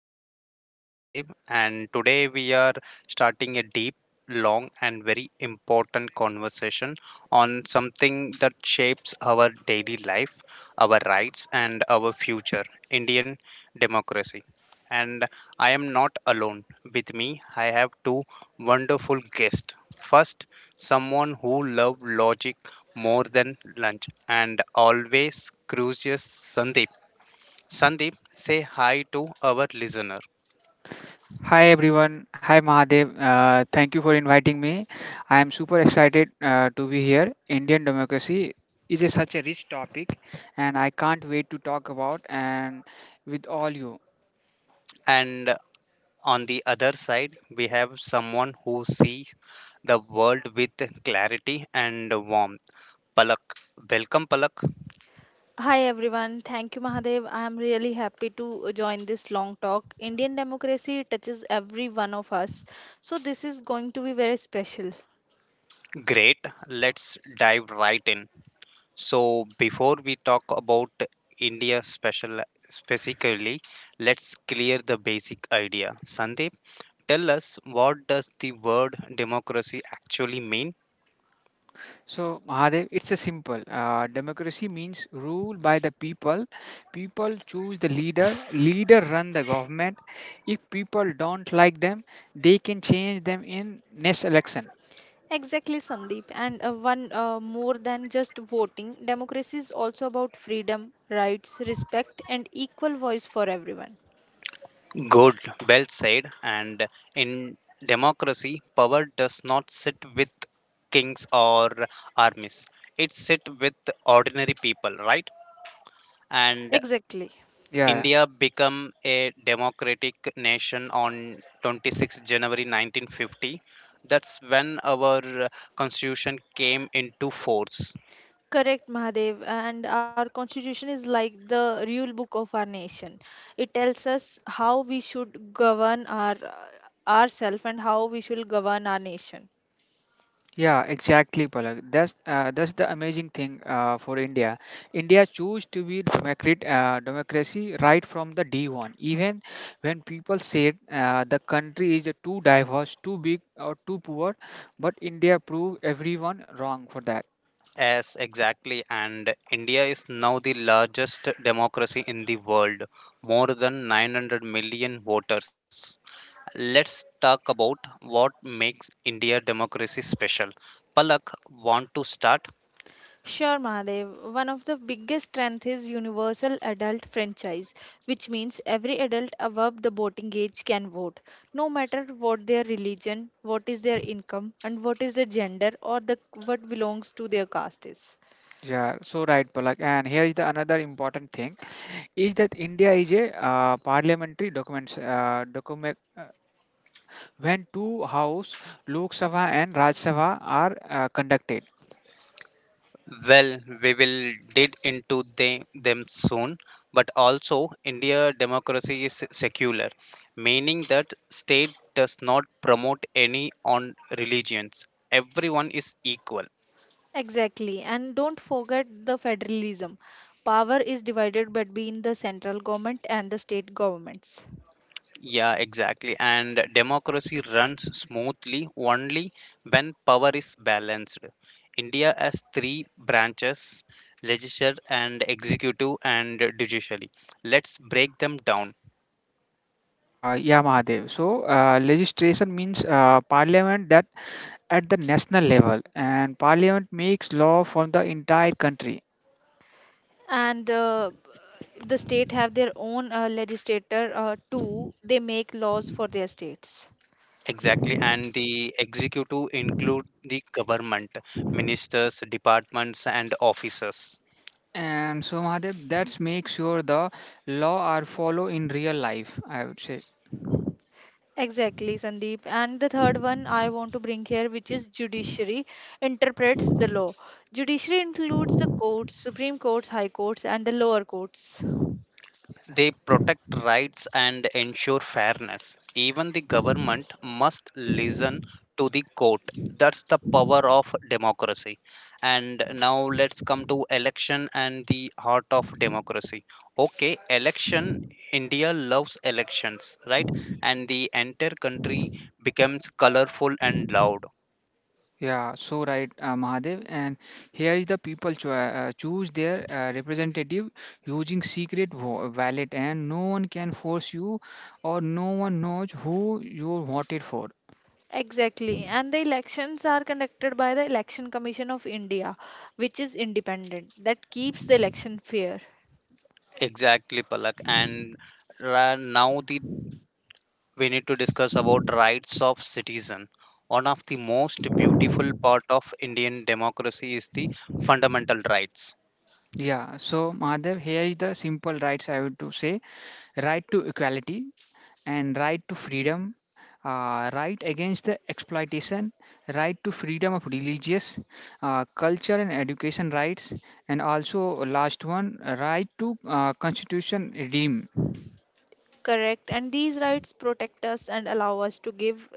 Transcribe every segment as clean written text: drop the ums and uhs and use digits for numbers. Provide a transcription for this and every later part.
Host and Mahadev, and today we are starting a deep, long and very important conversation on something that shapes our daily life, our rights and our future, Indian democracy. And I am not alone. With me, I have two wonderful guests. First, someone who loves logic more than lunch and always cruises Sandeep. Sandeep, say hi to our listener. Hi everyone. Hi Mahadev. Thank you for inviting me. I am super excited to be here. Indian democracy is such a rich topic and I can't wait to talk about and with all you. And on the other side, we have someone who sees the world with clarity and warmth. Palak, welcome, Palak. Hi everyone, thank you Mahadev. I am really happy to join this long talk. Indian democracy touches every one of us, so this is going to be very special. Great, let's dive right in. So, before we talk about India special specifically, let's clear the basic idea. Sandeep, tell us, what does the word democracy actually mean? So Mahadev, it's a simple. Democracy means rule by the people. People choose the leader. Leader run the government. If people don't like them, they can change them in next election. Exactly, Sandeep. And one more than just voting, democracy is also about freedom, rights, respect, and equal voice for everyone. Good, well said. And in democracy, power does not sit with kings or armies. It sit with ordinary people, right? And Exactly. Yeah. India became a democratic nation on 26 January 1950. That's when our constitution came into force. Correct, Mahadev. And our constitution is like the rule book of our nation. It tells us how we should govern ourselves and how we should govern our nation. Yeah, exactly, Palak. That's the amazing thing for India. India chose to be democracy right from the day one. Even when people said the country is too diverse, too big, or too poor, but India proved everyone wrong for that. Yes, exactly. And India is now the largest democracy in the world, more than 900 million voters. Let's talk about what makes India democracy special. Palak, want to start? Sure, Mahadev. One of the biggest strength is universal adult franchise, which means every adult above the voting age can vote, no matter what their religion, what is their income, and what is their gender or the what belongs to their caste is. Yeah, so right, Palak. And here is the another important thing is that India is a parliamentary document when two house, Lok Sabha and Raj Sabha, are conducted. Well, we will dig into them soon, but also India democracy is secular, meaning that state does not promote any on religions. Everyone is equal. Exactly. And don't forget the federalism. Power is divided between the central government and the state governments. Yeah, exactly. And democracy runs smoothly only when power is balanced. India has three branches: legislature and executive and judiciary. Let's break them down. Yeah, Mahadev. Legislation means parliament that at the national level, and parliament makes law for the entire country. And the state have their own legislator too. They make laws for their states. Exactly, and the executive include the government, ministers, departments, and officers. And so, Mahadev, that's make sure the law are follow in real life. I would say, Exactly, Sandeep. And the third one I want to bring here, which is judiciary, interprets the law. Judiciary includes the courts, Supreme Courts, High Courts, and the lower courts. They protect rights and ensure fairness. Even the government must listen to the court. That's the power of democracy. And now let's come to election and the heart of democracy. Okay, election. India loves elections, right? And the entire country becomes colorful and loud. yeah, so right, Mahadev. And here is the people choose their representative using ballot, and no one can force you, or no one knows who you voted for. Exactly. And the elections are conducted by the Election Commission of India, which is independent, that keeps the election fair. Exactly, Palak. And ra- now the we need to discuss about rights of citizen. One of the most beautiful part of Indian democracy is the fundamental rights. Yeah, so Mahadev, here is the simple rights I would to say right to equality and right to freedom, right against the exploitation, right to freedom of religious, culture and education rights, and also last one, right to constitution redeem. Correct. And these rights protect us and allow us to give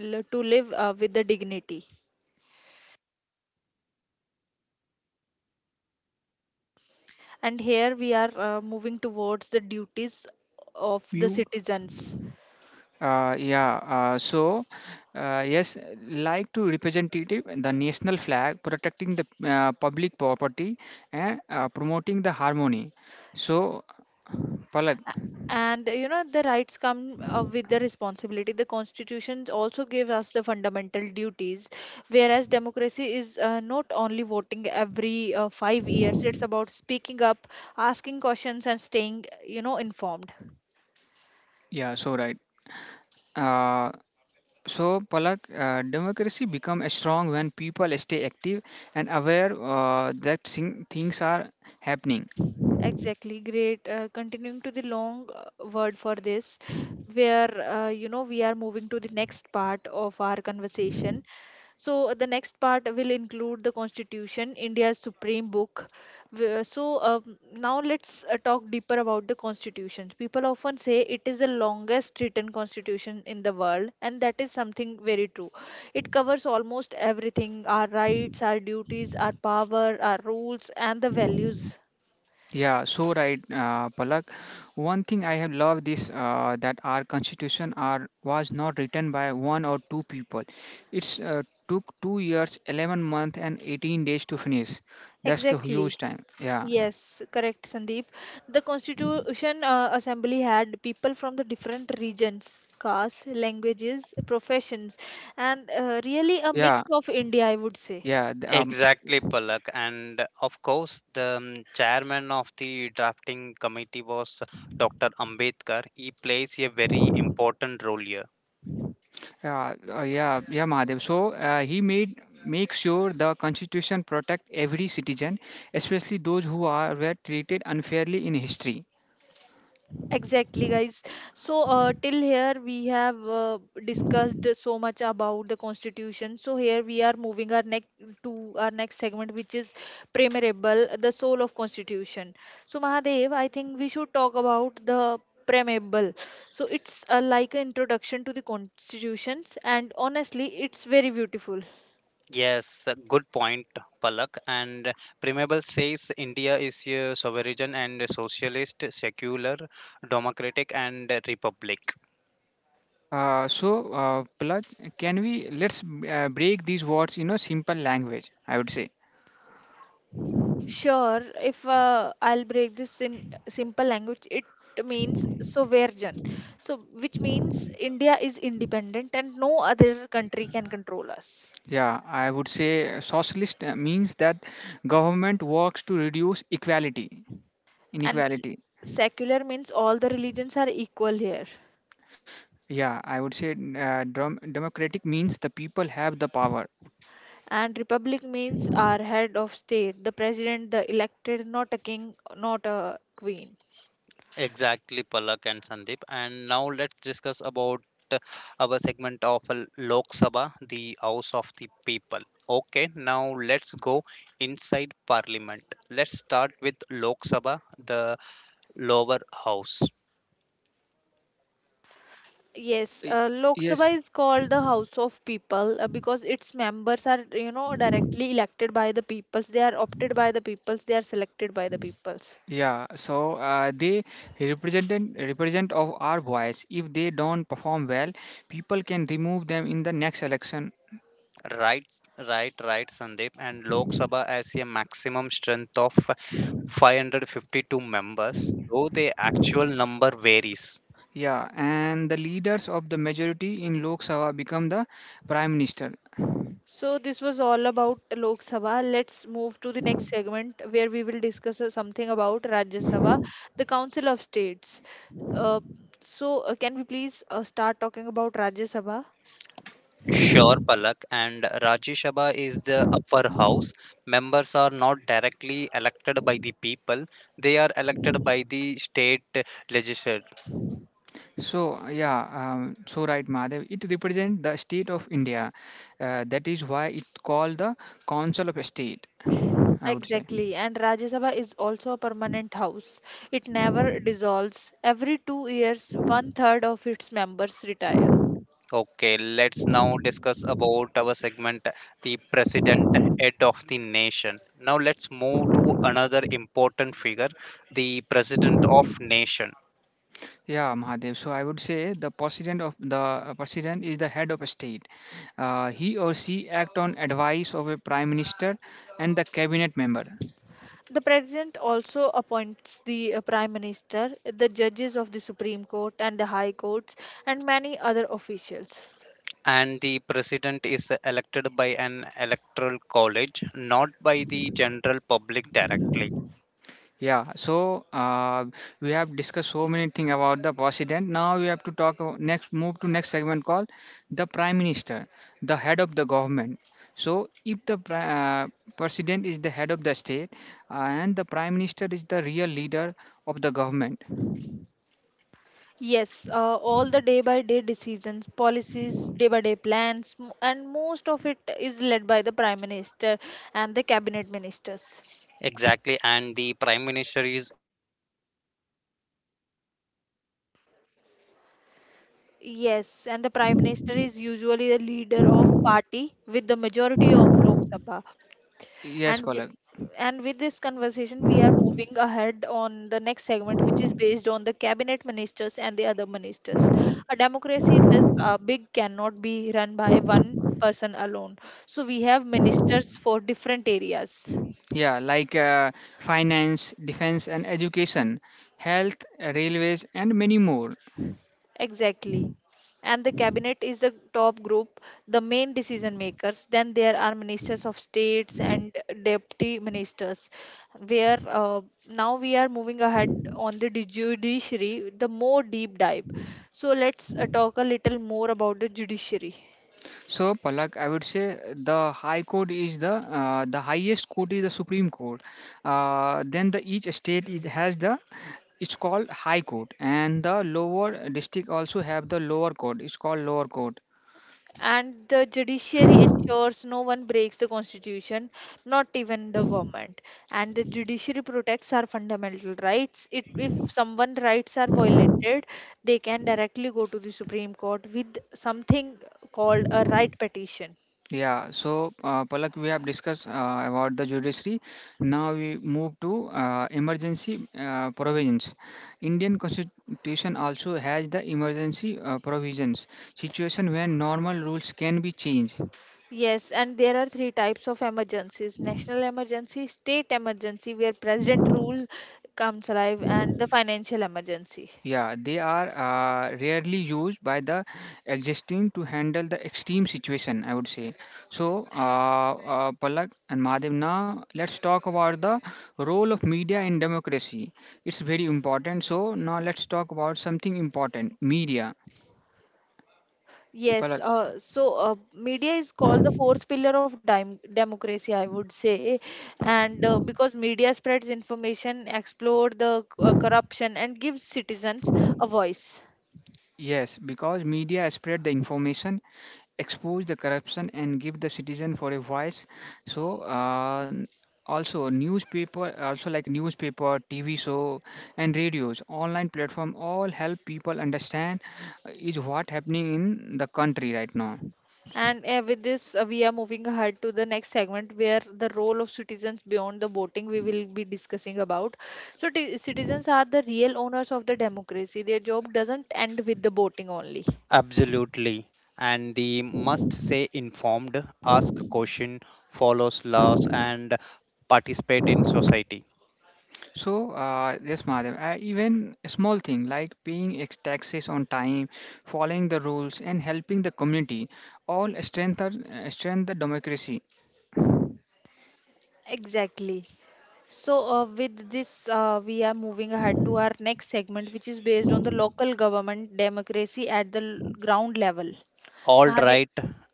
to live with the dignity. And here we are moving towards the duties of the Beautiful. citizens. Uh, yeah, uh, so uh, yes, like to representative the national flag, protecting the public property and promoting the harmony. So Palak, And you know, the rights come with the responsibility. The constitution also gave us the fundamental duties, whereas democracy is not only voting every 5 years. It's about speaking up, asking questions, and staying, you know, informed. yeah, so right. Uh, so Palak, democracy become strong when people stay active and aware things are happening. Exactly. Great. Continuing to the long word for this, where, you know, we are moving to the next part of our conversation. So the next part will include the Constitution, India's supreme book. Now let's talk deeper about the constitutions. People often say it is the longest written constitution in the world, and that is something very true. It covers almost everything: our rights, our duties, our power, our rules, and the values. Yeah, so right, Palak. One thing I have loved this that our constitution are was not written by one or two people. It's took 2 years, 11 months, and 18 days to finish. That's the Exactly. huge time. Yeah, Yes, correct, Sandeep. The Constitution Assembly had people from the different regions, castes, languages, professions, and really a mix yeah, of India, I would say. yeah. th- Exactly, Palak. And of course, the chairman of the drafting committee was Dr. Ambedkar. He plays a very important role here. Yeah, yeah, yeah, Mahadev. So he made make sure the constitution protect every citizen, especially those who are were treated unfairly in history. Exactly, guys. So, till here we have discussed so much about the constitution. So, here we are moving our next to our next segment, which is preamble, the soul of constitution. So, Mahadev, I think we should talk about the preamble. So, it's like an introduction to the constitutions, and honestly, it's very beautiful. Yes, a good point, Palak. And Premable says India is a sovereign and socialist, secular, democratic, and republic. Palak, can we let's break these words in a simple language? I would say. Sure, if I'll break this in simple language, it means sovereign. So, which means India is independent and no other country can control us. Yeah, I would say socialist means that government works to reduce And inequality. secular means all the religions are equal here. Yeah, I would say democratic means the people have the power. And republic means our head of state, the president, the elected, not a king, not a queen. Exactly, Palak and Sandeep. And now let's discuss about uh, our segment of Lok Sabha, the House of the People. Okay, now let's go inside Parliament. Let's start with Lok Sabha, the lower house. Yes, Y- Lok Yes, Sabha is called the House of People because its members are, you know, directly elected by the peoples. They are opted by the peoples. They are selected by the peoples. yeah, so they represent of our voice. If they don't perform well, people can remove them in the next election. Right, right, right, Sandeep. And Lok Sabha has a maximum strength of 552 members, though the actual number varies. Yeah, and the leaders of the majority in Lok Sabha become the prime minister. So this was all about Lok Sabha. Let's move to the next segment where we will discuss something about Rajya Sabha, the Council of States. Uh, can we please start talking about Rajya Sabha? Sure, Palak. And Rajya Sabha is the upper house. Members are not directly elected by the people, they are elected by the state legislature. So right, Madhav. It represents the state of India. That is why it's called the Council of State. I would say. Exactly, and Rajya Sabha is also a permanent house. It never dissolves. Every two years, one third of its members retire. Okay, let's now discuss about our segment, the president, head of the nation. Now let's move to another important figure, the president of nation. Yeah, Mahadev. So I would say the president is the head of state. He or she act on advice of a prime minister and the cabinet member. The president also appoints the prime minister, the judges of the Supreme Court and the High Courts, and many other officials. And the president is elected by an electoral college, not by the general public directly. Yeah. So we have discussed so many things about the president. Now we have to talk about next move to next segment called the prime minister, the head of the government. So if the president is the head of the state and the prime minister is the real leader of the government. Yes, all the day by day decisions, policies, day by day plans, and most of it is led by the prime minister and the cabinet ministers. Exactly, and the prime minister is. Yes, and the Prime Minister is usually the leader of party with the majority of Lok Sabha. Yes, And wi- Palak. and with this conversation, we are moving ahead on the next segment, which is based on the cabinet ministers and the other ministers. A democracy this big cannot be run by one person alone. So we have ministers for different areas. Yeah, like finance, defense, and education, health, railways, and many more. Exactly. And the cabinet is the top group, the main decision makers. Then there are ministers of states and deputy ministers. Where Now we are moving ahead on the judiciary, the more deep dive. So let's talk a little more about the judiciary. So, Palak, I would say the highest court is the Supreme Court. Then the each state is, has the it's called High Court, and the lower district also have the lower court. It's called lower court. And the judiciary ensures no one breaks the constitution, not even the government. And the judiciary protects our fundamental rights. If someone rights are violated, they can directly go to the supreme court with something called a right petition. Yeah, so Palak, we have discussed about the judiciary. Now we move to emergency provisions. Indian Constitution also has the emergency provisions, situation when normal rules can be changed. Yes, and there are three types of emergencies: national emergency, state emergency, where president rule comes alive, and the financial emergency. Yeah, they are rarely used by the existing to handle the extreme situation, I would say. So, Palak and Mahadev, now let's talk about the role of media in democracy. It's very important. So, now let's talk about something important media. Yes, Palak, media is called the fourth pillar of dim democracy, I would say, and because media spreads information, explore the corruption, and gives citizens a voice. yes, because media spread the information expose the corruption and give the citizen for a voice so also newspaper also like newspaper tv show and radios online platform all help people understand is what happening in the country right now And with this, we are moving ahead to the next segment where the role of citizens beyond the voting we will be discussing about. So, t citizens are the real owners of the democracy. Their job doesn't end with the voting only. Absolutely. And the must say informed, ask question, follows laws, and participate in society. so yes madam even small thing like paying taxes on time following the rules and helping the community all strengthen the democracy. Exactly. So, with this, we are moving ahead to our next segment, which is based on the local government democracy at the ground level. All Mahadev, right,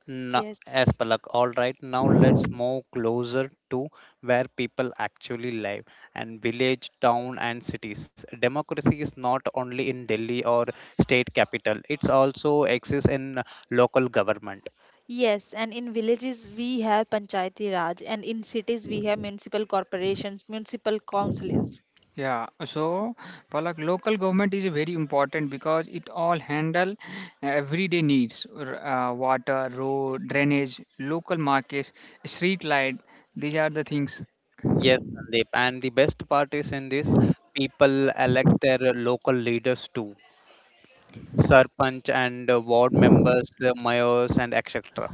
as yes. Palak, all right, now let's move closer to where people actually live, and village, town, and cities. Democracy is not only in Delhi or state capital, it's also exists in local government. Yes, and in villages we have Panchayati Raj, and in cities we have municipal corporations, municipal councils. Yeah, so Palak, local government is very important because it all handle everyday needs, water, road, drainage, local markets, street light. These are the things. Yes, Sandeep. And the best part is in this, people elect their local leaders too, Sarpanch and ward members, the mayors, and etc.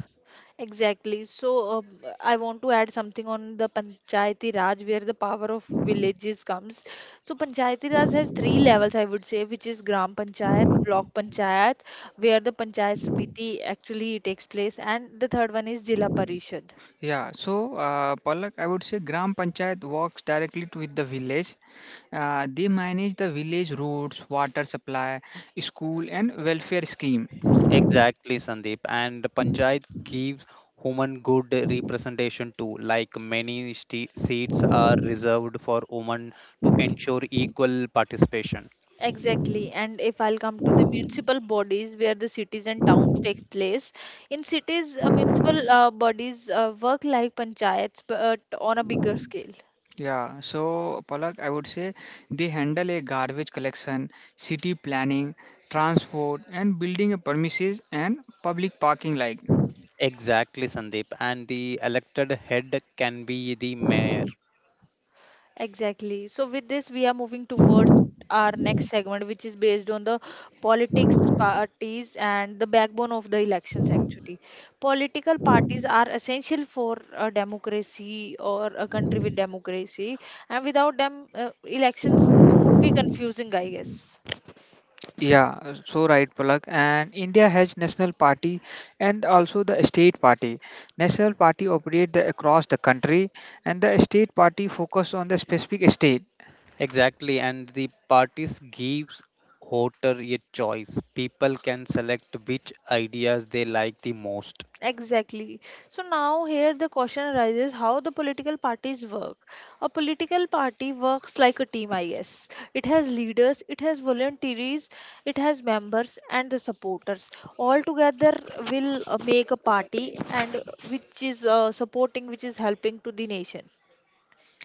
Exactly. So, I want to add something on the Panchayati Raj, where the power of villages comes. So, Panchayati Raj has three levels, I would say, which is Gram Panchayat, Block Panchayat, where the Panchayat Samiti actually takes place, and the third one is Jila Parishad. Yeah, so Palak, I would say Gram Panchayat works directly with the village. They manage the village roads, water supply, school, and welfare scheme. Exactly, Sandeep. And the Panchayat gives women good representation too. Like many seats are reserved for women to ensure equal participation. Exactly. And if I'll come to the municipal bodies where the cities and towns takes place, in cities, municipal bodies work like panchayats but on a bigger scale. Yeah, so Palak, I would say they handle a garbage collection, city planning, transport, and building a premises and public parking. Like, Exactly, Sandeep. And the elected head can be the mayor. Exactly. So, with this, we are moving towards our next segment, which is based on the politics parties and the backbone of the elections, actually. Political parties are essential for a democracy or a country with democracy, and without them, elections would be confusing, I guess. yeah, so right, Palak. And India has national party and also the state party. National party operate the, across the country, and the state party focus on the specific state. Exactly, and the parties gives voter a choice. People can select which ideas they like the most. Exactly. So now here the question arises how the political parties work. A political party works like a team, I guess. It has leaders, it has volunteers, it has members and the supporters. All together will make a party and which is supporting, which is helping to the nation.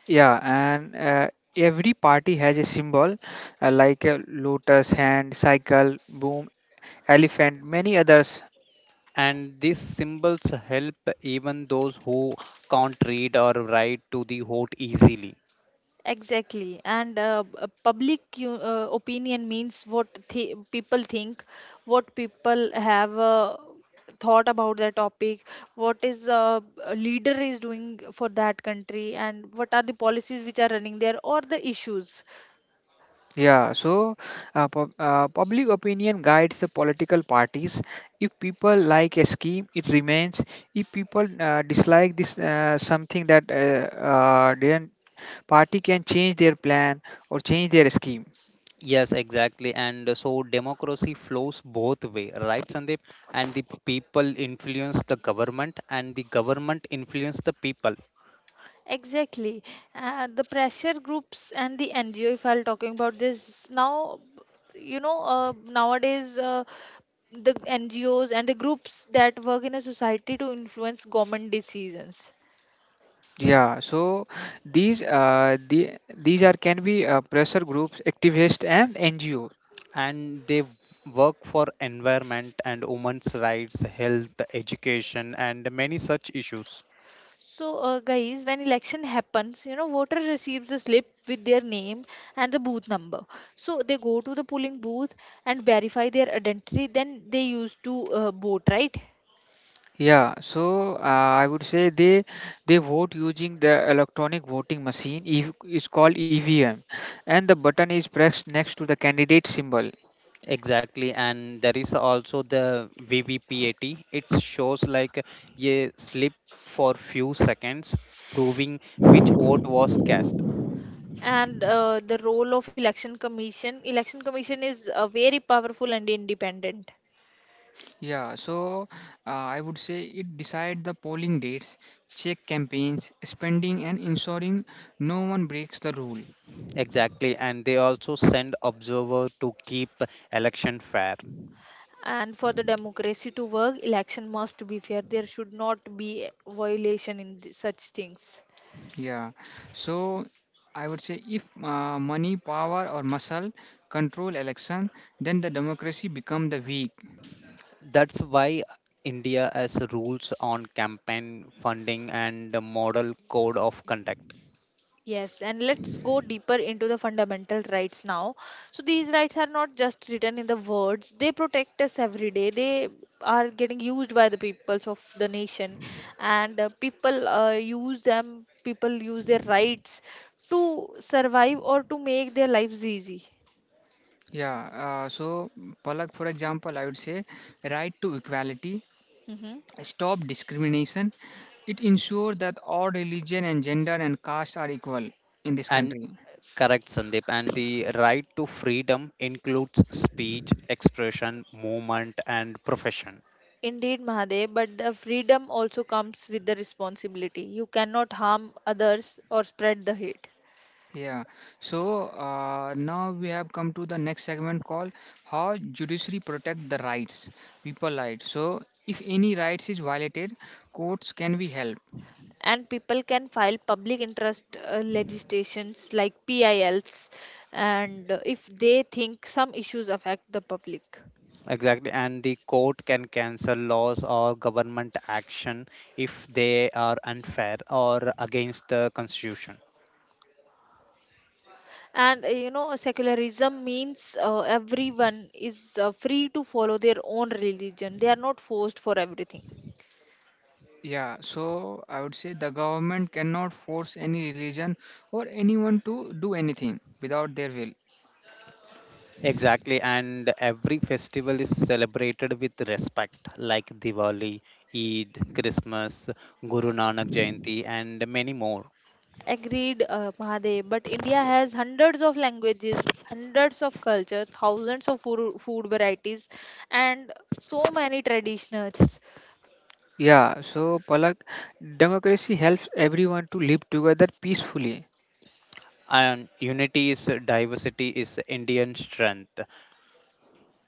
Yeah, and every party has a symbol like a lotus hand, cycle, boom, elephant, many others. And these symbols help even those who can't read or write to the vote easily. Exactly, and public opinion means people think, what people have thought about the topic, what is a leader is doing for that country, and what are the policies which are running there or the issues. Yeah, so public opinion guides the political parties. If people like a scheme, it remains. If people dislike this something that didn't party can change their plan or change their scheme. Yes, exactly. And so democracy flows both way, right, Sandeep? And the people influence the government and the government influence the people. Exactly, the pressure groups and the NGO. If I'll talking about this now, you know nowadays the NGOs and the groups that work in a society to influence government decisions. Yeah, so these these are can be pressure groups, activists, and NGO. And they work for environment and women's rights, health, education, and many such issues. So, guys, when election happens, you know, voter receives a slip with their name and the booth number. So they go to the polling booth and verify their identity. Then they used to vote, right? Yeah, so I would say they vote using the electronic voting machine. If it's called EVM, and the button is pressed next to the candidate symbol. Exactly, and there is also the VVPAT. It shows like a slip for few seconds, proving which vote was cast. And the role of election commission is very powerful and independent. Yeah, so I would say it decide the polling dates, check campaigns, spending, and ensuring no one breaks the rule. Exactly, and they also send observer to keep election fair. And for the democracy to work, election must be fair. There should not be violation in such things. Yeah, so I would say if money, power, or muscle control election, then the democracy become the weak. That's why India has rules on campaign funding and the model code of conduct. Yes, and let's go deeper into the fundamental rights now. So these rights are not just written in the words; they protect us every day. They are getting used by the peoples of the nation, and people use them. People use their rights to survive or to make their lives easy. Yeah, so Palak, for example, I would say right to equality, Hmm. stop discrimination. It ensures that all religion and gender and caste are equal in this And country. correct, Sandeep. And the right to freedom includes speech, expression, movement, and profession. Indeed, Mahadev, but the freedom also comes with the responsibility. You cannot harm others or spread the hate. Yeah. So now we have come to the next segment called how judiciary protect the rights, people rights. So if any rights is violated, courts can be help. And people can file public interest legislations like PILs, and if they think some issues affect the public. Exactly. And the court can cancel laws or government action if they are unfair or against the constitution. And you know, secularism means everyone is free to follow their own religion. They are not forced for everything. Yeah, so I would say the government cannot force any religion or anyone to do anything without their will. Exactly. And every festival is celebrated with respect, like Diwali, Eid, Christmas, Guru Nanak Jayanti, and many more. Agreed, Mahadev, but India has hundreds of languages, hundreds of culture, thousands of food varieties, and so many traditions. Yeah, so Palak, democracy helps everyone to live together peacefully. And unity is diversity is Indian strength.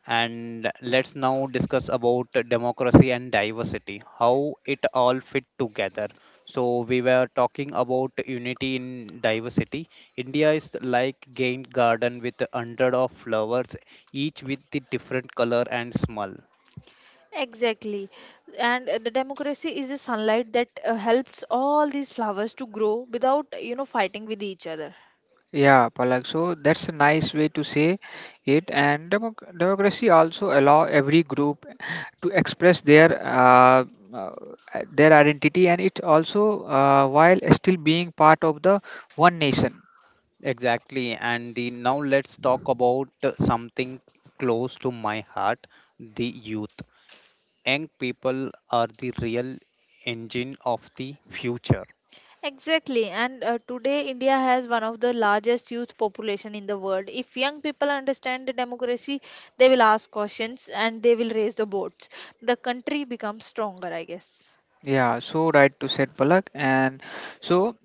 And let's now discuss about democracy and diversity, how it all fit together. So we were talking about unity in diversity. India is like gained garden with 100 of flowers, each with the different color and smell. Exactly. And the democracy is the sunlight that helps all these flowers to grow without, you know, fighting with each other. Yeah, Palak. So that's a nice way to say it. And democracy also allow every group to express uh, their identity, and it also while still being part of the one nation. Exactly, and the now let's talk about something close to my heart, the youth. Young people are the real engine of the future. Exactly. And today India has one of the largest youth population in the world. If young people understand the democracy, they will ask questions and they will raise the boats. The country becomes stronger, I guess. Yeah, so right to said Palak. And so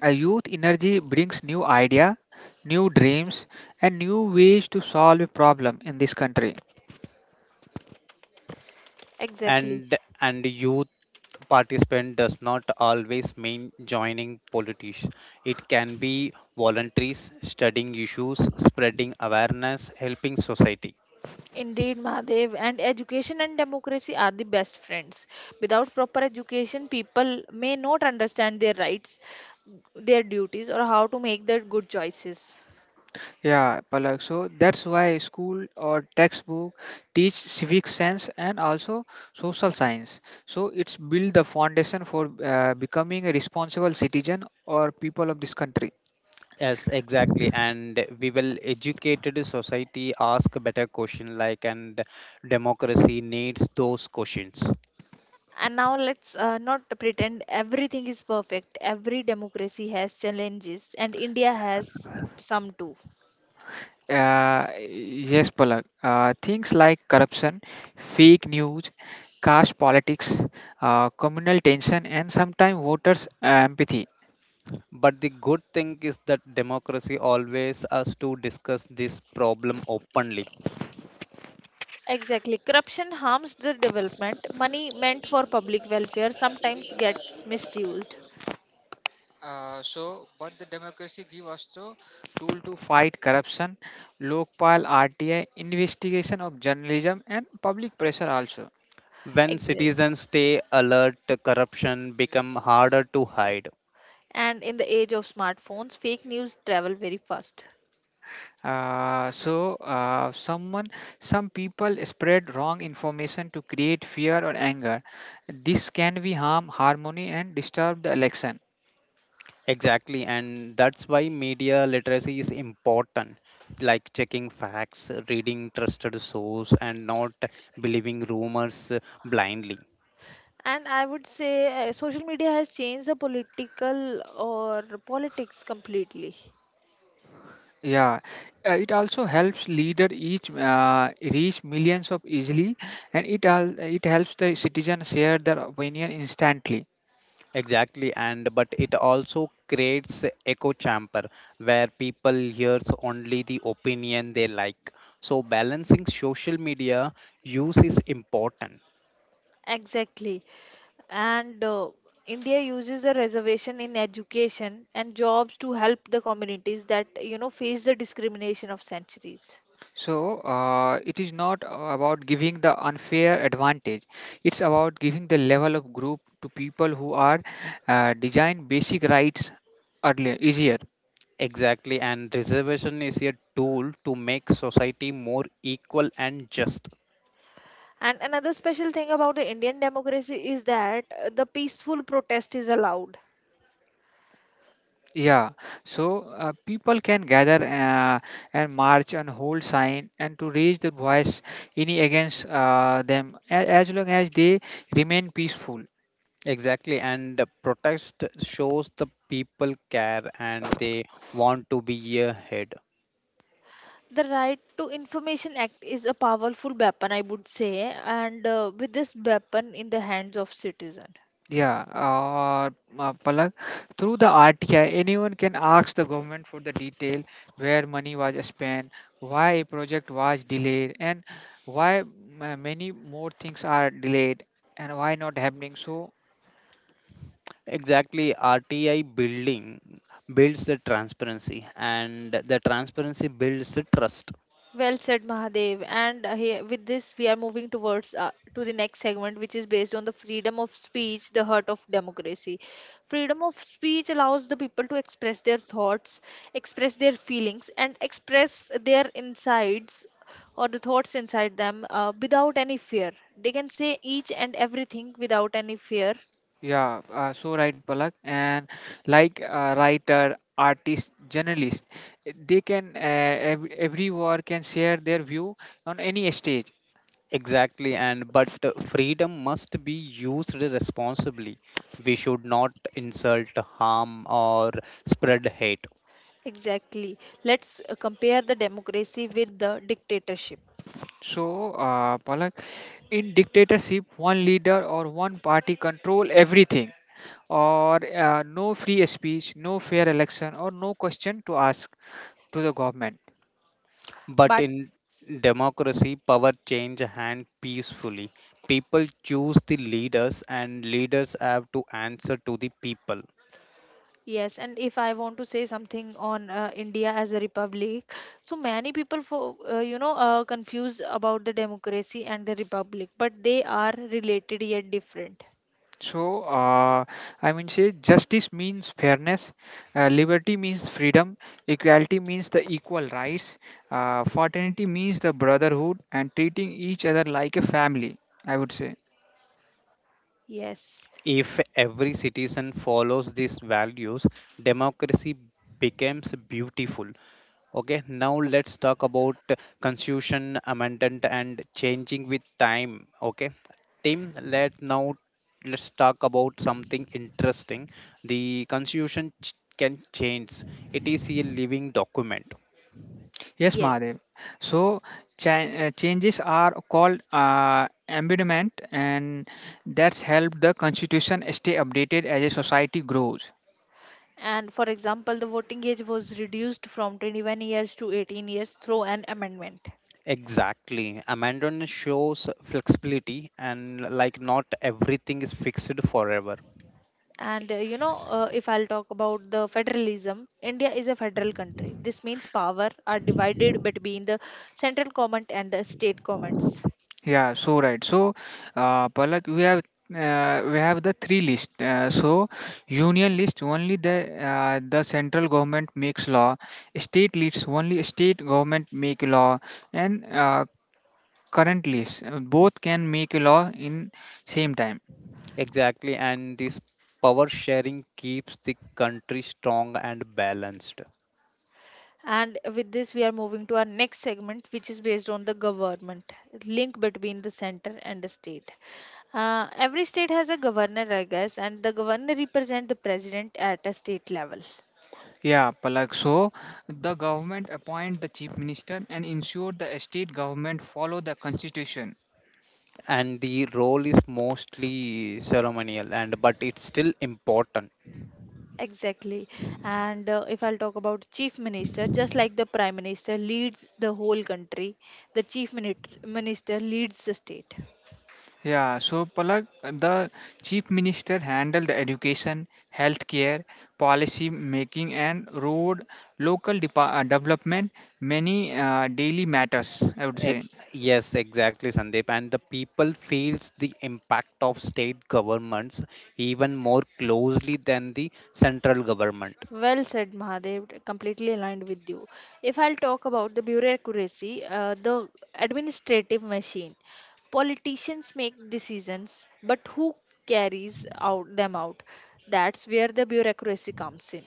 a youth energy brings new idea, new dreams, and new ways to solve a problem in this country. Exactly. And and youth participant does not always mean joining politics. It can be voluntaries, studying issues, spreading awareness, helping society. Indeed, Mahadev, and education and democracy are the best friends. Without proper education, people may not understand their rights, their duties, or how to make their good choices. Yeah, Palak. So that's why school or textbook teach civic sense and also social science. So it's build the foundation for becoming a responsible citizen or people of this country. Yes, exactly. And we will educated society ask better question, like, and democracy needs those questions. And now let's not pretend everything is perfect. Every democracy has challenges, and India has some too. Yes, Palak. Things like corruption, fake news, caste politics, communal tension, and sometimes voters' empathy. But the good thing is that democracy always us to discuss this problem openly. Exactly. Corruption harms the development. Money meant for public welfare sometimes gets misused. But the democracy give us the tool to fight corruption, Lokpal, RTI, investigation of journalism, and public pressure also. When Exactly. citizens stay alert, corruption become harder to hide. And in the age of smartphones, fake news travel very fast. Uh, so, uh, someone, some people spread wrong information to create fear or anger. This can be harm harmony and disturb the election. Exactly, and that's why media literacy is important, like checking facts, reading trusted source, and not believing rumors blindly. And I would say social media has changed the political or politics completely. Yeah, it also helps leader each reach millions of easily, and it it helps the citizen share their opinion instantly. Exactly, and but it also creates echo chamber where people hears only the opinion they like. So balancing social media use is important. Exactly. And India uses a reservation in education and jobs to help the communities that, you know, face the discrimination of centuries. So it is not about giving the unfair advantage. It's about giving the level of group to people who are design basic rights earlier easier. Exactly, and reservation is a tool to make society more equal and just. And another special thing about the Indian democracy is that the peaceful protest is allowed. Yeah. So people can gather and march and hold sign and to raise their voice any against them as long as they remain peaceful. Exactly, and the protest shows the people care and they want to be ahead. The Right to Information Act is a powerful weapon, I would say, and with this weapon in the hands of citizens. Yeah, Palak, through the RTI, anyone can ask the government for the detail where money was spent, why a project was delayed, and why many more things are delayed and why not happening. So, Exactly, RTI building builds the transparency, and the transparency builds the trust. Well said, Mahadev. And with this, we are moving towards to the next segment, which is based on the freedom of speech, the heart of democracy. Freedom of speech allows the people to express their thoughts, express their feelings, and express their insides or the thoughts inside them without any fear. They can say each and everything without any fear. yeah, so right, Palak. And like writer, artist, journalist, they can everyone can share their view on any stage. Exactly, and but freedom must be used responsibly. We should not insult, harm, or spread hate. Exactly. Let's compare the democracy with the dictatorship. So, Palak, in dictatorship, one leader or one party control everything, or no free speech, no fair election, or no question to ask to the government. But But in democracy, power change hand peacefully. People choose the leaders, and leaders have to answer to the people. Yes, and if I want to say something on India as a republic, so many people, for confused about the democracy and the republic, but they are related yet different. So, I mean, say justice means fairness, liberty means freedom, equality means the equal rights, fraternity means the brotherhood, and treating each other like a family. I would say. Yes, If every citizen follows these values, democracy becomes beautiful. Okay, now let's talk about constitution amendment and changing with time. Okay, Tim, let's talk about something interesting. The constitution can change. It is a living document. Yes, yes. Mahadev. So changes are called embedment, and that's helped the constitution stay updated as a society grows. And for example, the voting age was reduced from 21 years to 18 years through an amendment. Exactly. Amendment shows flexibility and like not everything is fixed forever. If I'll talk about the federalism, India is a federal country. This means power are divided between the central government and the state governments. Yeah, so right. So, Palak, we have the three list. Union list only the central government makes law. State lists only state government make law, and current list, both can make law in same time. Exactly, and this power sharing keeps the country strong and balanced. And with this, we are moving to our next segment, which is based on the government link between the center and the state. Every state has a governor, I guess, and the governor represents the president at a state level. Yeah, Palak. So the government appoint the chief minister and ensure the state government follow the constitution. And the role is mostly ceremonial and but it's still important. Exactly. And if I'll talk about chief minister, just like the prime minister leads the whole country, the minister leads the state. Yeah, so Palak, the chief minister handle the education, healthcare, policy making, and road, development, many daily matters, I would E- say. yes, exactly, Sandeep. And the people feels the impact of state governments even more closely than the central government. Well said, Mahadev. Completely aligned with you. If I'll talk about the bureaucracy, the administrative machine, politicians make decisions, but who carries out them out? That's where the bureaucracy comes in.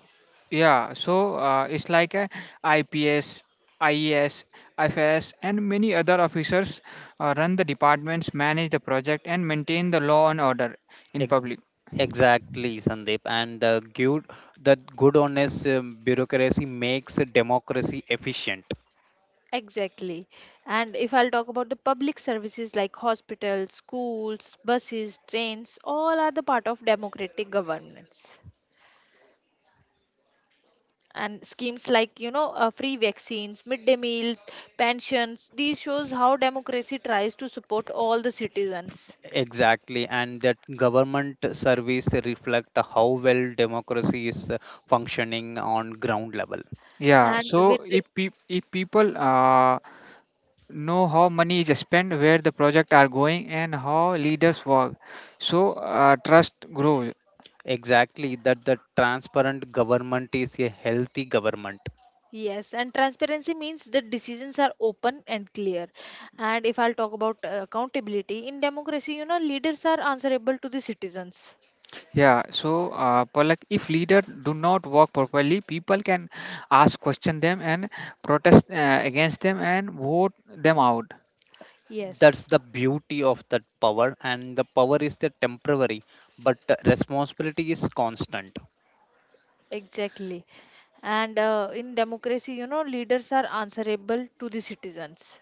Yeah, so it's like a IPS, IES, IFS, and many other officers run the departments, manage the project, and maintain the law and order in Ex- public. exactly Sandeep. And the good, honest bureaucracy makes democracy efficient. Exactly. And if I'll talk about the public services like hospitals, schools, buses, trains, all are the part of democratic governance. And schemes like, you know, free vaccines, midday meals, pensions, these shows how democracy tries to support all the citizens. Exactly, and that government service reflect how well democracy is functioning on ground level. Yeah, And with so if people know how money is spent, where the project are going, and how leaders work, so trust grows. Exactly, that the transparent government is a healthy government. Yes, and transparency means the decisions are open and clear. And if I'll talk about accountability in democracy, you know, leaders are answerable to the citizens. Yeah, so but like if leader do not work properly, people can ask question them and protest against them and vote them out. That's Yes, the beauty of that power, and the power is the temporary, but the responsibility is constant. exactly. and In democracy, you know, leaders are answerable to the citizens.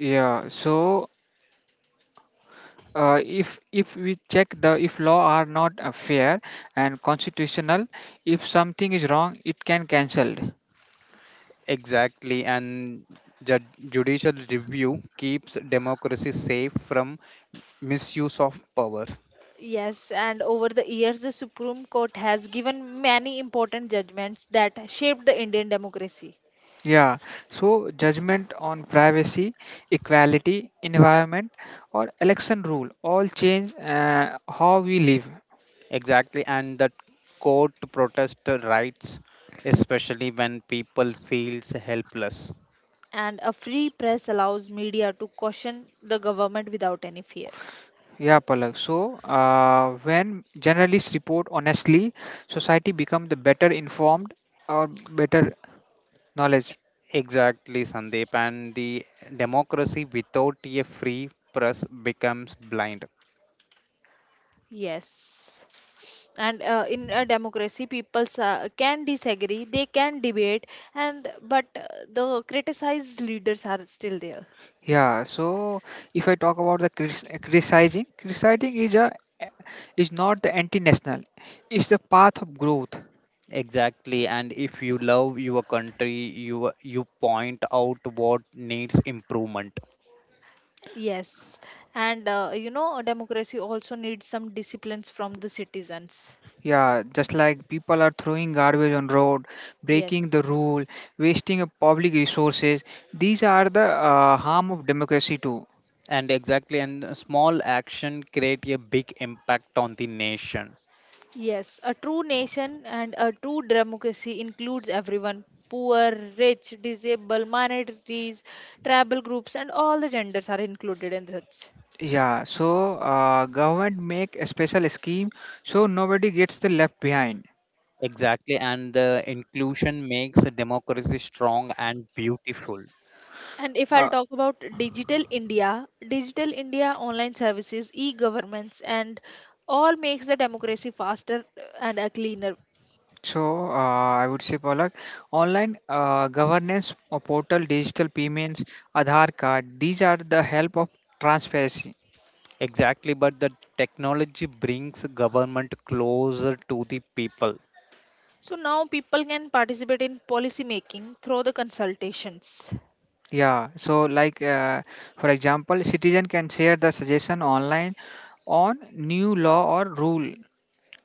Yeah, so if we check the if law are not fair and constitutional, if something is wrong, it can cancelled. Exactly, and ju- judicial review keeps democracy safe from misuse of powers. Yes, and over the years, the Supreme Court has given many important judgments that shaped the Indian democracy. Yeah, so judgment on privacy, equality, environment, or election rule all change how we live. Exactly, and that court protest rights, especially when people feels helpless. And a free press allows media to question the government without any fear. Yeah, Palak. So, when journalists report honestly, society become the better informed or better knowledge. Exactly, Sandeep. And the democracy without a free press becomes blind. Yes. And in a democracy, people can disagree, they can debate, and but the criticized leaders are still there. Yeah. So, if I talk about the criticizing, criticizing is a is not the anti-national. It's the path of growth. Exactly. And if you love your country, you point out what needs improvement. Yes, and a democracy also needs some disciplines from the citizens. Yeah, just like people are throwing garbage on road, Yes. breaking the rule, wasting of public resources. These are the harm of democracy too. And exactly, and a small action create a big impact on the nation. Yes, a true nation and a true democracy includes everyone: poor, rich, disabled, minorities, tribal groups, and all the genders are included in such. Yeah, so government make a special scheme so nobody gets the left behind. Exactly, and the inclusion makes a democracy strong and beautiful. And if I'll Uh, talk about Digital India, Digital India online services, e governments, and all makes the democracy faster and a cleaner. I would say, Palak, online governance or portal, digital payments, Aadhaar card. These are the help of transparency. Exactly, but the technology brings government closer to the people. So now people can participate in policy making through the consultations. Yeah, so like for example, citizen can share the suggestion online on new law or rule.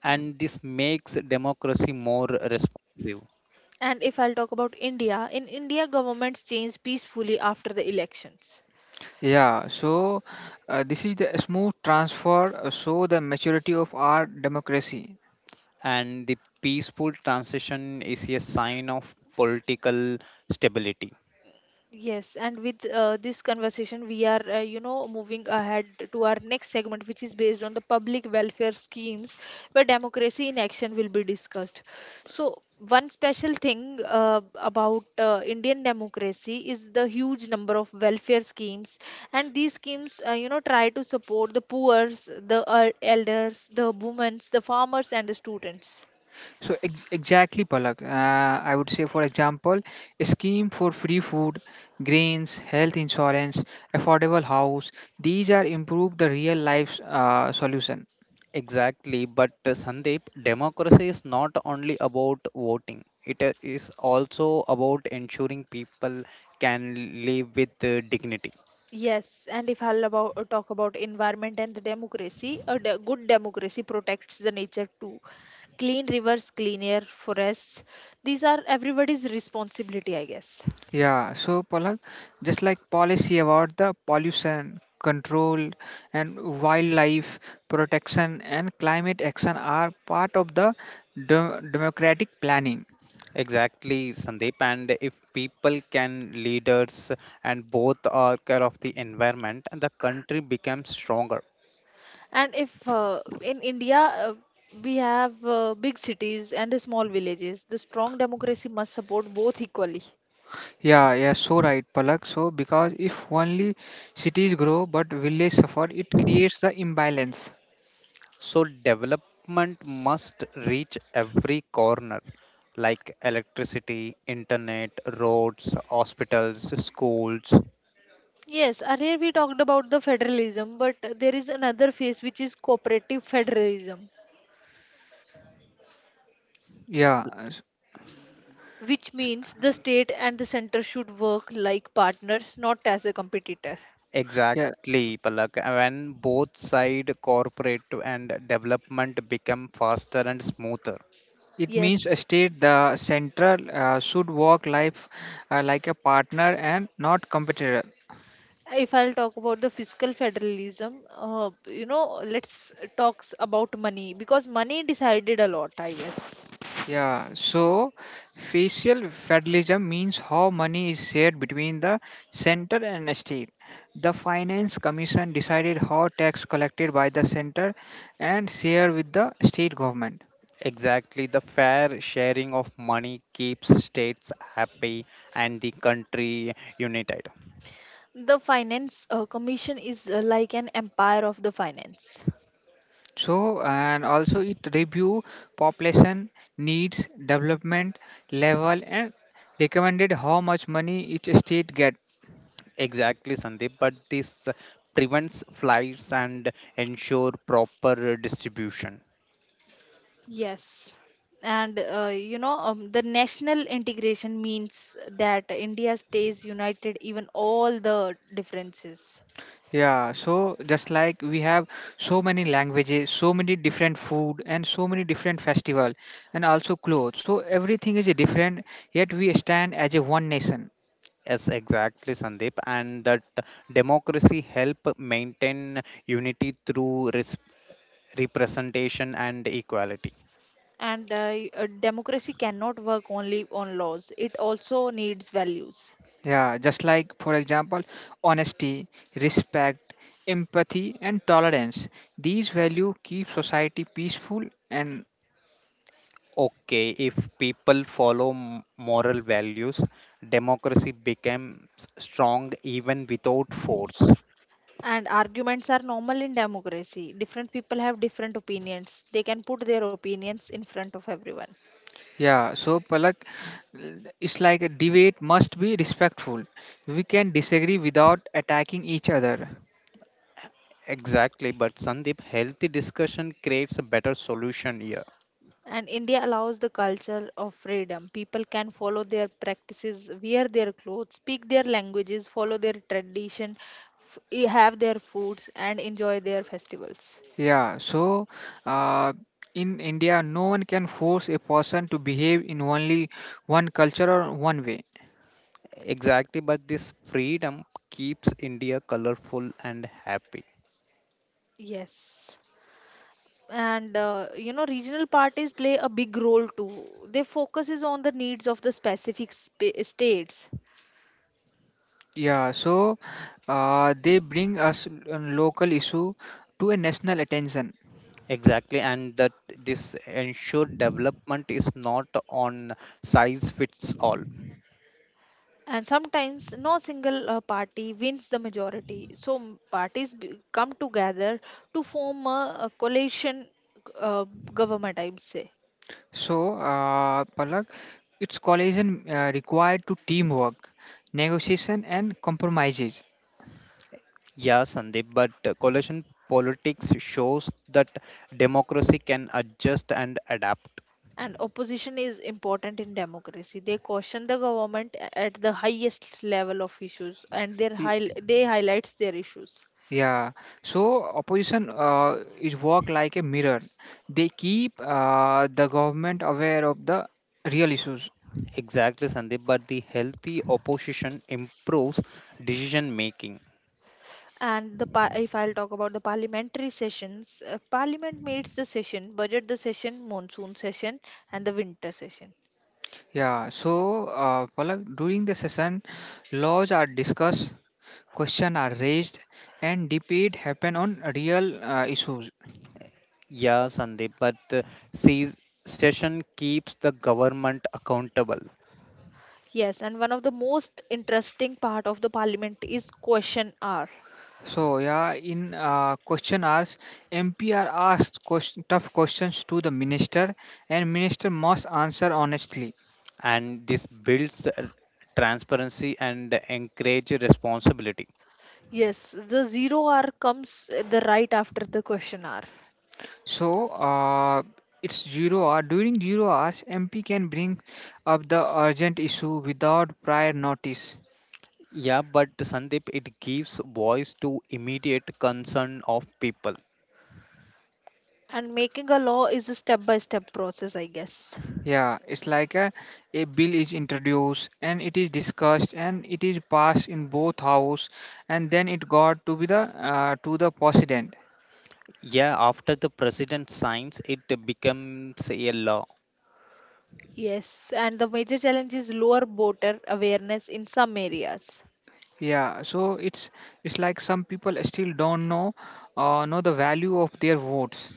And this makes democracy more responsive. And if I'll talk about India, in India, governments change peacefully after the elections. Yeah, so this is the smooth transfer, so the maturity of our democracy. And the peaceful transition is a sign of political stability. Yes, and with this conversation, we are, moving ahead to our next segment, which is based on the public welfare schemes where democracy in action will be discussed. So, one special thing about Indian democracy is the huge number of welfare schemes, and these schemes, try to support the poor, the elders, the women, the farmers, and the students. So exactly, Palak. I would say, for example, a scheme for free food, grains, health insurance, affordable house. These are improve the real life solution. Exactly, but Sandeep, democracy is not only about voting, it is also about ensuring people can live with dignity. Yes, and if I'll about talk about environment and the democracy, a good democracy protects the nature too. Clean rivers, clean air, forests. These are everybody's responsibility, I guess. Yeah. So Palak, just like policy about the pollution control and wildlife protection and climate action are part of the democratic planning. Exactly, Sandeep, and if people can leaders and both are care of the environment, and the country becomes stronger. And if in India, we have big cities and the small villages, the strong democracy must support both equally. Yeah, so right, Palak. So, because if only cities grow but village suffer, it creates the imbalance. So development must reach every corner, like electricity, internet, roads, hospitals, schools. Yes, earlier we talked about the federalism, but there is another phase which is cooperative federalism, Yeah, which s- means the state and the center should work like partners, not as a competitor. yeah. Exactly, Palak. When both side corporate and development become faster and smoother. It means Yes, a state the central should work life like a partner and not competitor. if I'll talk about the fiscal federalism, let's talk about money because money decided a lot, I guess. Yeah. So, facial federalism means how money is shared between the center and state. The finance commission decided how tax collected by the center and shared with the state government. Exactly, the fair sharing of money keeps states happy and the country united. The finance commission is like an empire of the finance. So, and also it review population needs, development level, and recommended how much money each state get. Exactly, Sandeep. But this prevents flights and ensure proper distribution. Yes. And the national integration means that India stays united even all the differences. Yeah, so just like we have so many languages, so many different food, and so many different festival, and also clothes. So everything is different, yet we stand as a one nation. Yes, exactly, Sandeep. And that democracy help maintain unity through representation and equality. And a democracy cannot work only on laws, it also needs values. Yeah, just like for example, honesty, respect, empathy, and tolerance. These value keep society peaceful and Okay, if people follow moral values, democracy becomes strong even without force. And arguments are normal in democracy. Different people have different opinions, they can put their opinions in front of everyone. yeah, so Palak, it's like a debate must be respectful. We can disagree without attacking each other. Exactly, but Sandeep, healthy discussion creates a better solution here. And India allows the culture of freedom. People can follow their practices, wear their clothes, speak their languages, follow their tradition, have their foods, and enjoy their festivals. Yeah, so uh, in India, no one can force a person to behave in only one culture or one way. Exactly, but this freedom keeps India colorful and happy. Yes. And, you know, regional parties play a big role too. Their focus is on the needs of the specific states. Yeah, so they bring us a local issue to a national attention. Exactly, and that this ensure development is not on size fits all. And sometimes no single party wins the majority, so parties come together to form a coalition uh, government, I would say. So, Palak, its collision required to teamwork, negotiation, and compromises. Yeah, Sandeep, but coalition politics shows that democracy can adjust and adapt. And opposition is important in democracy. They caution the government at the highest level of issues, and they highlights their issues. Yeah, so opposition is work like a mirror. They keep the government aware of the real issues. Exactly, Sandeep, but the healthy opposition improves decision making. And the if I'll talk about the parliamentary sessions, parliament meets the session, budget the session, monsoon session, and the winter session. Yeah, so Palak, during the session, laws are discussed, questions are raised, and debate happen on real issues. Yeah, Sandeep, but se- session keeps the government accountable, Yes, and one of the most interesting part of the parliament is question hour. So yeah, in question hours, MP are asked tough questions to the minister, and minister must answer honestly. and this builds transparency and encourage responsibility. Yes, the zero hour comes the right after the question hour. So it's zero hour. During zero hours, MP can bring up the urgent issue without prior notice. Yeah, but Sandeep, it gives voice to immediate concern of people. And making a law is a step by step process, I guess. Yeah, it's like a bill is introduced and it is discussed and it is passed in both house and then it got to be the to the president. Yeah, after the president signs, it becomes a law. Yes, and the major challenge is lower voter awareness in some areas. Yeah, so it's like some people still don't know the value of their votes.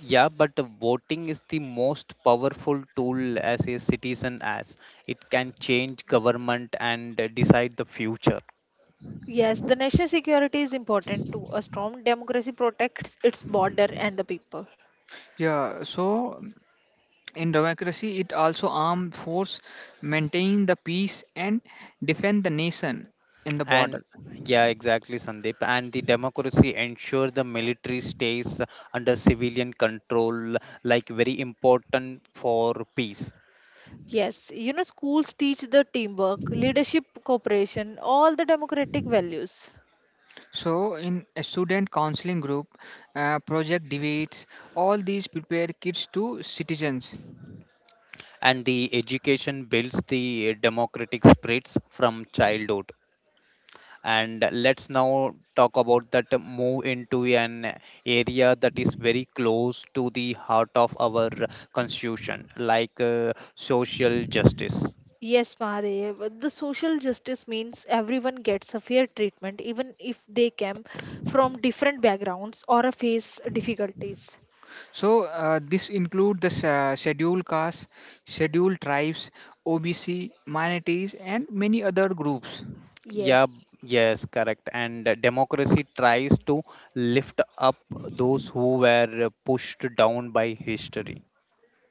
Yeah, but voting is the most powerful tool as a citizen as it can change government and decide the future. Yes, the national security is important to a strong democracy protects its border and the people. Yeah, so in democracy, it also armed force maintain the peace and defend the nation in the border. And yeah, exactly, Sandeep. And the democracy ensure the military stays under civilian control, like very important for peace. Yes, you know, schools teach the teamwork, leadership, cooperation, all the democratic values. So, in a student counseling group, project debates, all these prepare kids to citizens. And the education builds the democratic spirits from childhood. And let's now talk about that move into an area that is very close to the heart of our constitution, like social justice. Yes, Mahadev, the social justice means everyone gets a fair treatment, even if they come from different backgrounds or face difficulties. So, this include the scheduled castes, scheduled tribes, OBC, minorities, and many other groups. Yeah, Yes. yes, correct, and democracy tries to lift up those who were pushed down by history.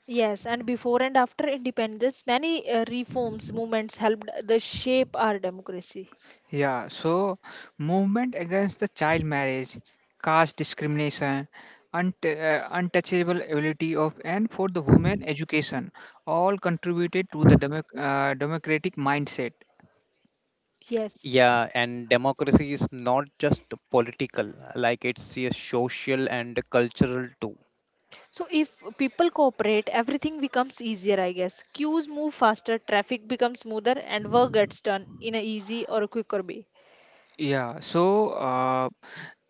Yes, and before and after independence, many reforms movements helped the shape our democracy. Yeah, so movement against the child marriage, caste discrimination, untouchable ability of and for the women education all contributed to the democratic mindset. Yes. Yeah, and democracy is not just political, like it's a social and cultural too. So if people cooperate, everything becomes easier, I guess. Queues move faster, traffic becomes smoother, and work gets done in a easy or a quicker way. Yeah, so uh,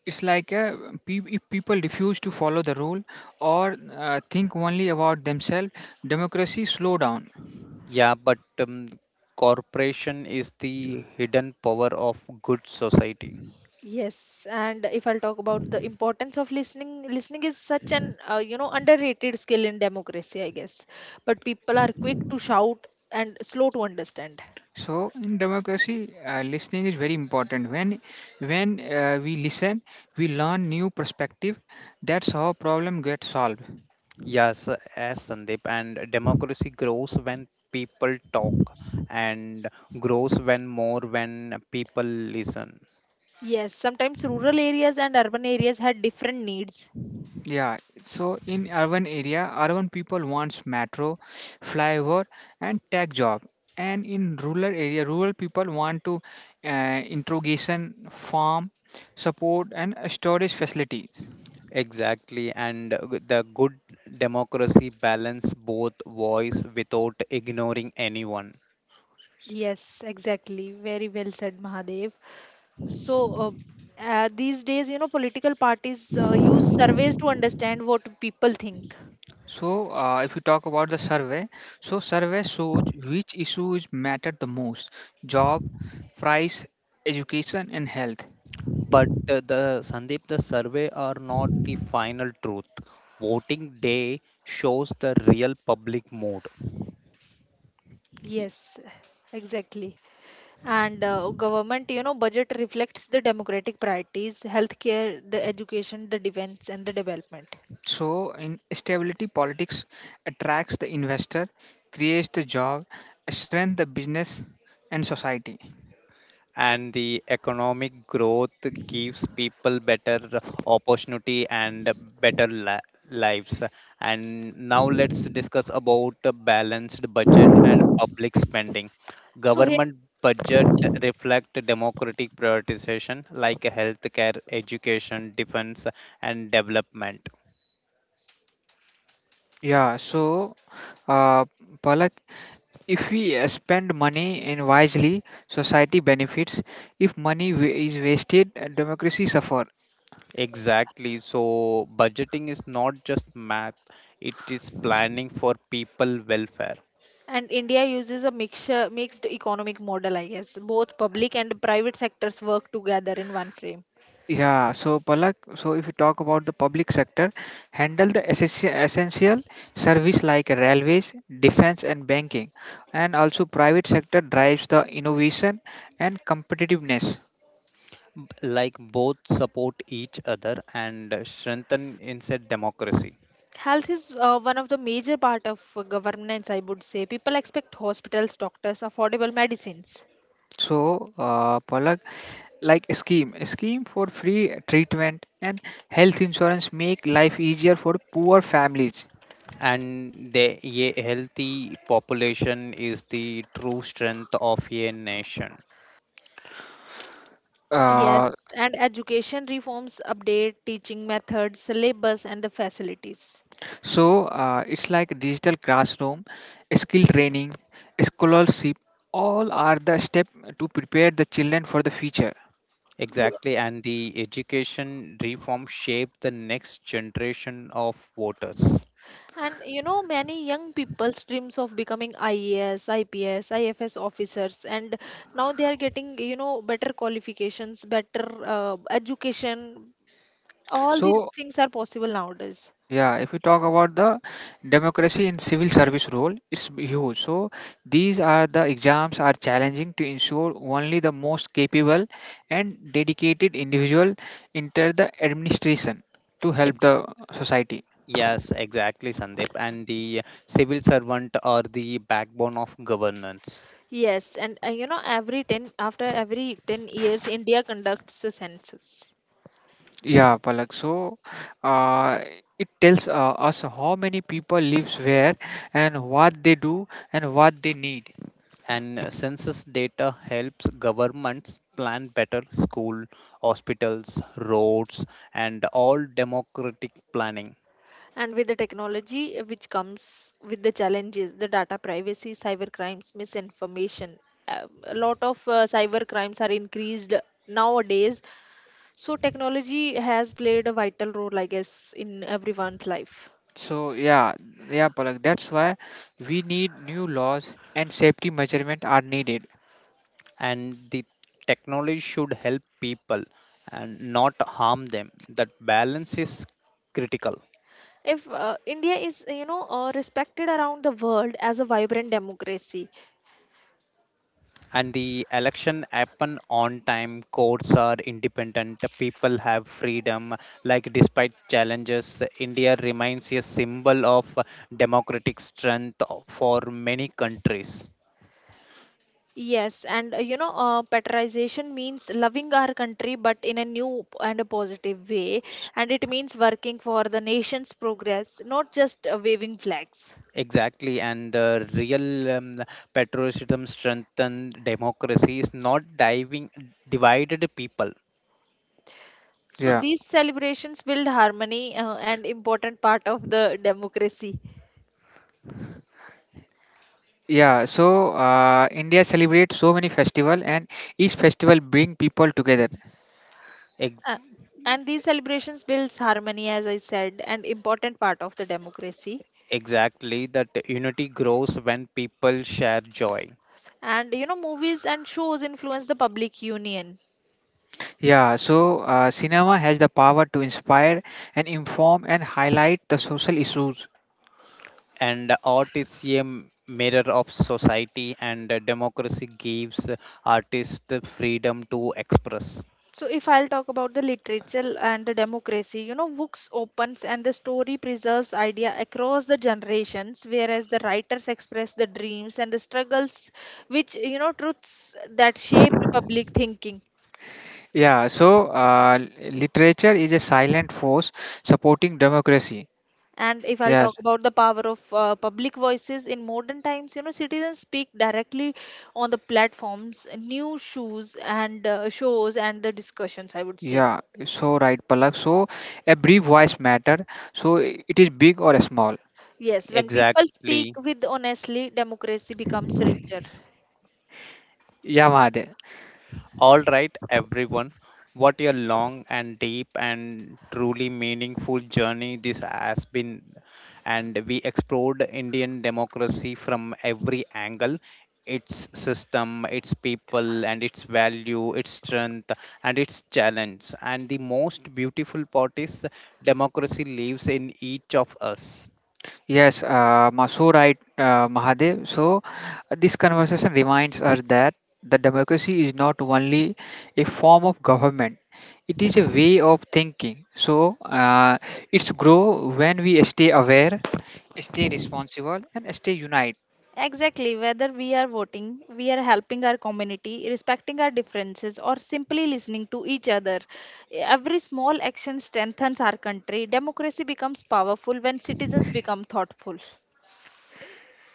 it's like if people refuse to follow the rule or think only about themselves, democracy slow down. Yeah, but corporation is the hidden power of good society. Yes, and if I'll talk about the importance of listening, listening is such an underrated skill in democracy, I guess. But people are quick to shout and slow to understand. So in democracy, listening is very important. When we listen, we learn new perspective. That's how problem gets solved. Yes, as Sandeep, and democracy grows when people talk and grows when more when people listen. Yes, sometimes rural areas and urban areas had different needs. Yeah. So in urban area, urban people wants metro, flyover, and tech job. And in rural area, rural people want to interrogation, farm, support, and storage facilities. Exactly, and the good democracy balance both voice without ignoring anyone. Yes, exactly. Very well said, Mahadev. So, these days, you know, political parties use surveys to understand what people think. So, if you talk about the survey, so survey shows which issues matter the most: job, price, education, and health. But the Sandeep, the survey are not the final truth. Voting day shows the real public mood, Yes, exactly. And government, you know, budget reflects the democratic priorities: healthcare, the education, the defense, and the development. So, in stability politics attracts the investor, creates the job, strengthens the business and society. and the economic growth gives people better opportunity and better lives. And now let's discuss about a balanced budget and public spending. So here, Government budget reflect democratic prioritization like healthcare, education, defense, and development. Yeah. So, uh, Palak, if we spend money in wisely, society benefits. If is wasted, democracy suffer. Exactly. So, budgeting is not just math, it is planning for people welfare. and India uses mixed economic model, I guess. Both public and private sectors work together in one frame. Yeah, so Palak, so if you talk about the public sector, handle the essential service like railways, defense and banking, and also private sector drives the innovation and competitiveness. Like both support each other and strengthen inside democracy. Health is one of the major part of governance, I would say. People expect hospitals, doctors, affordable medicines. So Palak, a scheme for free treatment and health insurance make life easier for poor families. And the a healthy population is the true strength of a nation. Yes, Uh, and education reforms update teaching methods, syllabus, and the facilities. It's like digital classroom, skill training, scholarship. All are the step to prepare the children for the future. Yeah. Exactly. And the education reform shape the next generation of voters. And, you know, many young people's dreams of becoming IAS, IPS, IFS officers, and now they are getting, you know, better qualifications, better education. All these So things are possible nowadays. yeah, if we talk about the democracy in civil service role, it's huge. So these are the exams are challenging to ensure only the most capable and dedicated individual enter the administration to help the society. Yes, exactly, Sandeep. And the civil servant are the backbone of governance. Yes, and after every 10 years, India conducts a census. Yeah, Palak. So, uh, it tells us how many people lives where and what they do and what they need. And census data helps governments plan better school, hospitals, roads, and all democratic planning. And with the technology which comes with the challenges, the data privacy, cyber crimes, misinformation, a lot of cyber crimes are increased nowadays. So technology has played a vital role, I guess, in everyone's life. So, yeah, Palak. That's why we need new laws and safety measurement are needed. And the technology should help people and not harm them. That balance is critical. If India is respected around the world as a vibrant democracy. And the election happen on time, courts are independent, people have freedom, like despite challenges, India remains a symbol of democratic strength for many countries. Yes, and patriotism means loving our country, but in a new p- and a positive way, S- and it means working for the nation's progress, not just waving flags. Exactly, and the real um, patriotism strengthened democracy is not diving divided people. So Yeah, these celebrations build harmony and important part of the democracy. yeah. So, India celebrates so many festival and each festival bring people together. Ex- Uh, and these celebrations builds harmony, as I said, and important part of the democracy. exactly that unity grows when people share joy. And, you know, movies and shows influence the public union. Yeah, so cinema has the power to inspire and inform and highlight the social issues. And art is a mirror of society, and democracy gives artists freedom to express. So if I'll talk about the literature and the democracy, you know, books opens and the story preserves idea across the generations, whereas the writers express the dreams and the struggles, which, you know, truths that shape republic thinking. Yeah, so literature is a silent force supporting democracy. And if I'll Yes, talk about the power of public voices in modern times, you know, citizens speak directly on the platforms, news shows, and shows and the discussions, I would say. yeah, so right, Palak. So a brief voice matter. So it is big or small. Yes, when people speak Exactly. with honestly, democracy becomes richer. Yeah, Mahadev. All right, everyone. What a long and deep and truly meaningful journey this has been. And we explored Indian democracy from every angle, its system, its people, and its value, its strength, and its challenge. And the most beautiful part is democracy lives in each of us. Yes, so right, Mahadev. So this conversation reminds us that the democracy is not only a form of government; it is a way of thinking. So it's grow when we stay aware, stay responsible, and stay united. Exactly, whether we are voting, we are helping our community, respecting our differences, or simply listening to each other. Every small action strengthens our country. Democracy becomes powerful when citizens become thoughtful.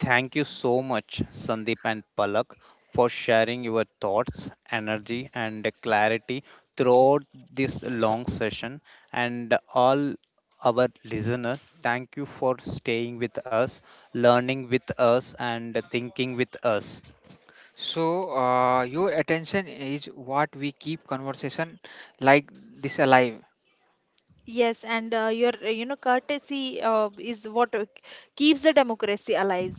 Thank you so much, Sandeep and Palak, for sharing your thoughts, energy, and clarity throughout this long session. And all our listeners, thank you for staying with us, learning with us, and thinking with us. So, your attention is what we keep conversation like this alive. Yes, and your courtesy is what keeps the democracy alive.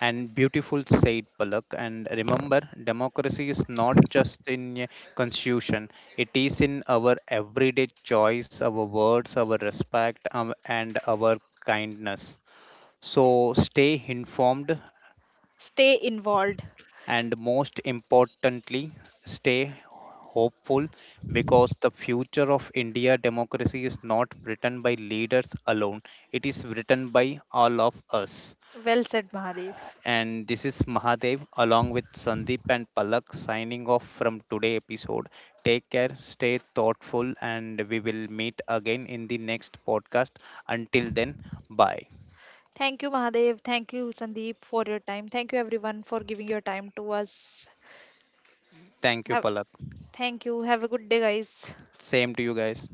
And beautiful said, Palak. And remember, democracy is not just in a constitution; it is in our everyday choice, our words, our respect, and our kindness. So stay informed, Stay involved. and most importantly, stay hopeful, because the future of India democracy is not written by leaders alone. It is written by all of us. Well said, Mahadev. And this is Mahadev along with Sandeep and Palak signing off from today episode. Take care, stay thoughtful, and we will meet again in the next podcast. Until then, bye. Thank you, Mahadev. Thank you, Sandeep, for your time. Thank you, everyone, for giving your time to us. Thank you, Have, Palak. thank you. Have a good day, guys. Same to you guys.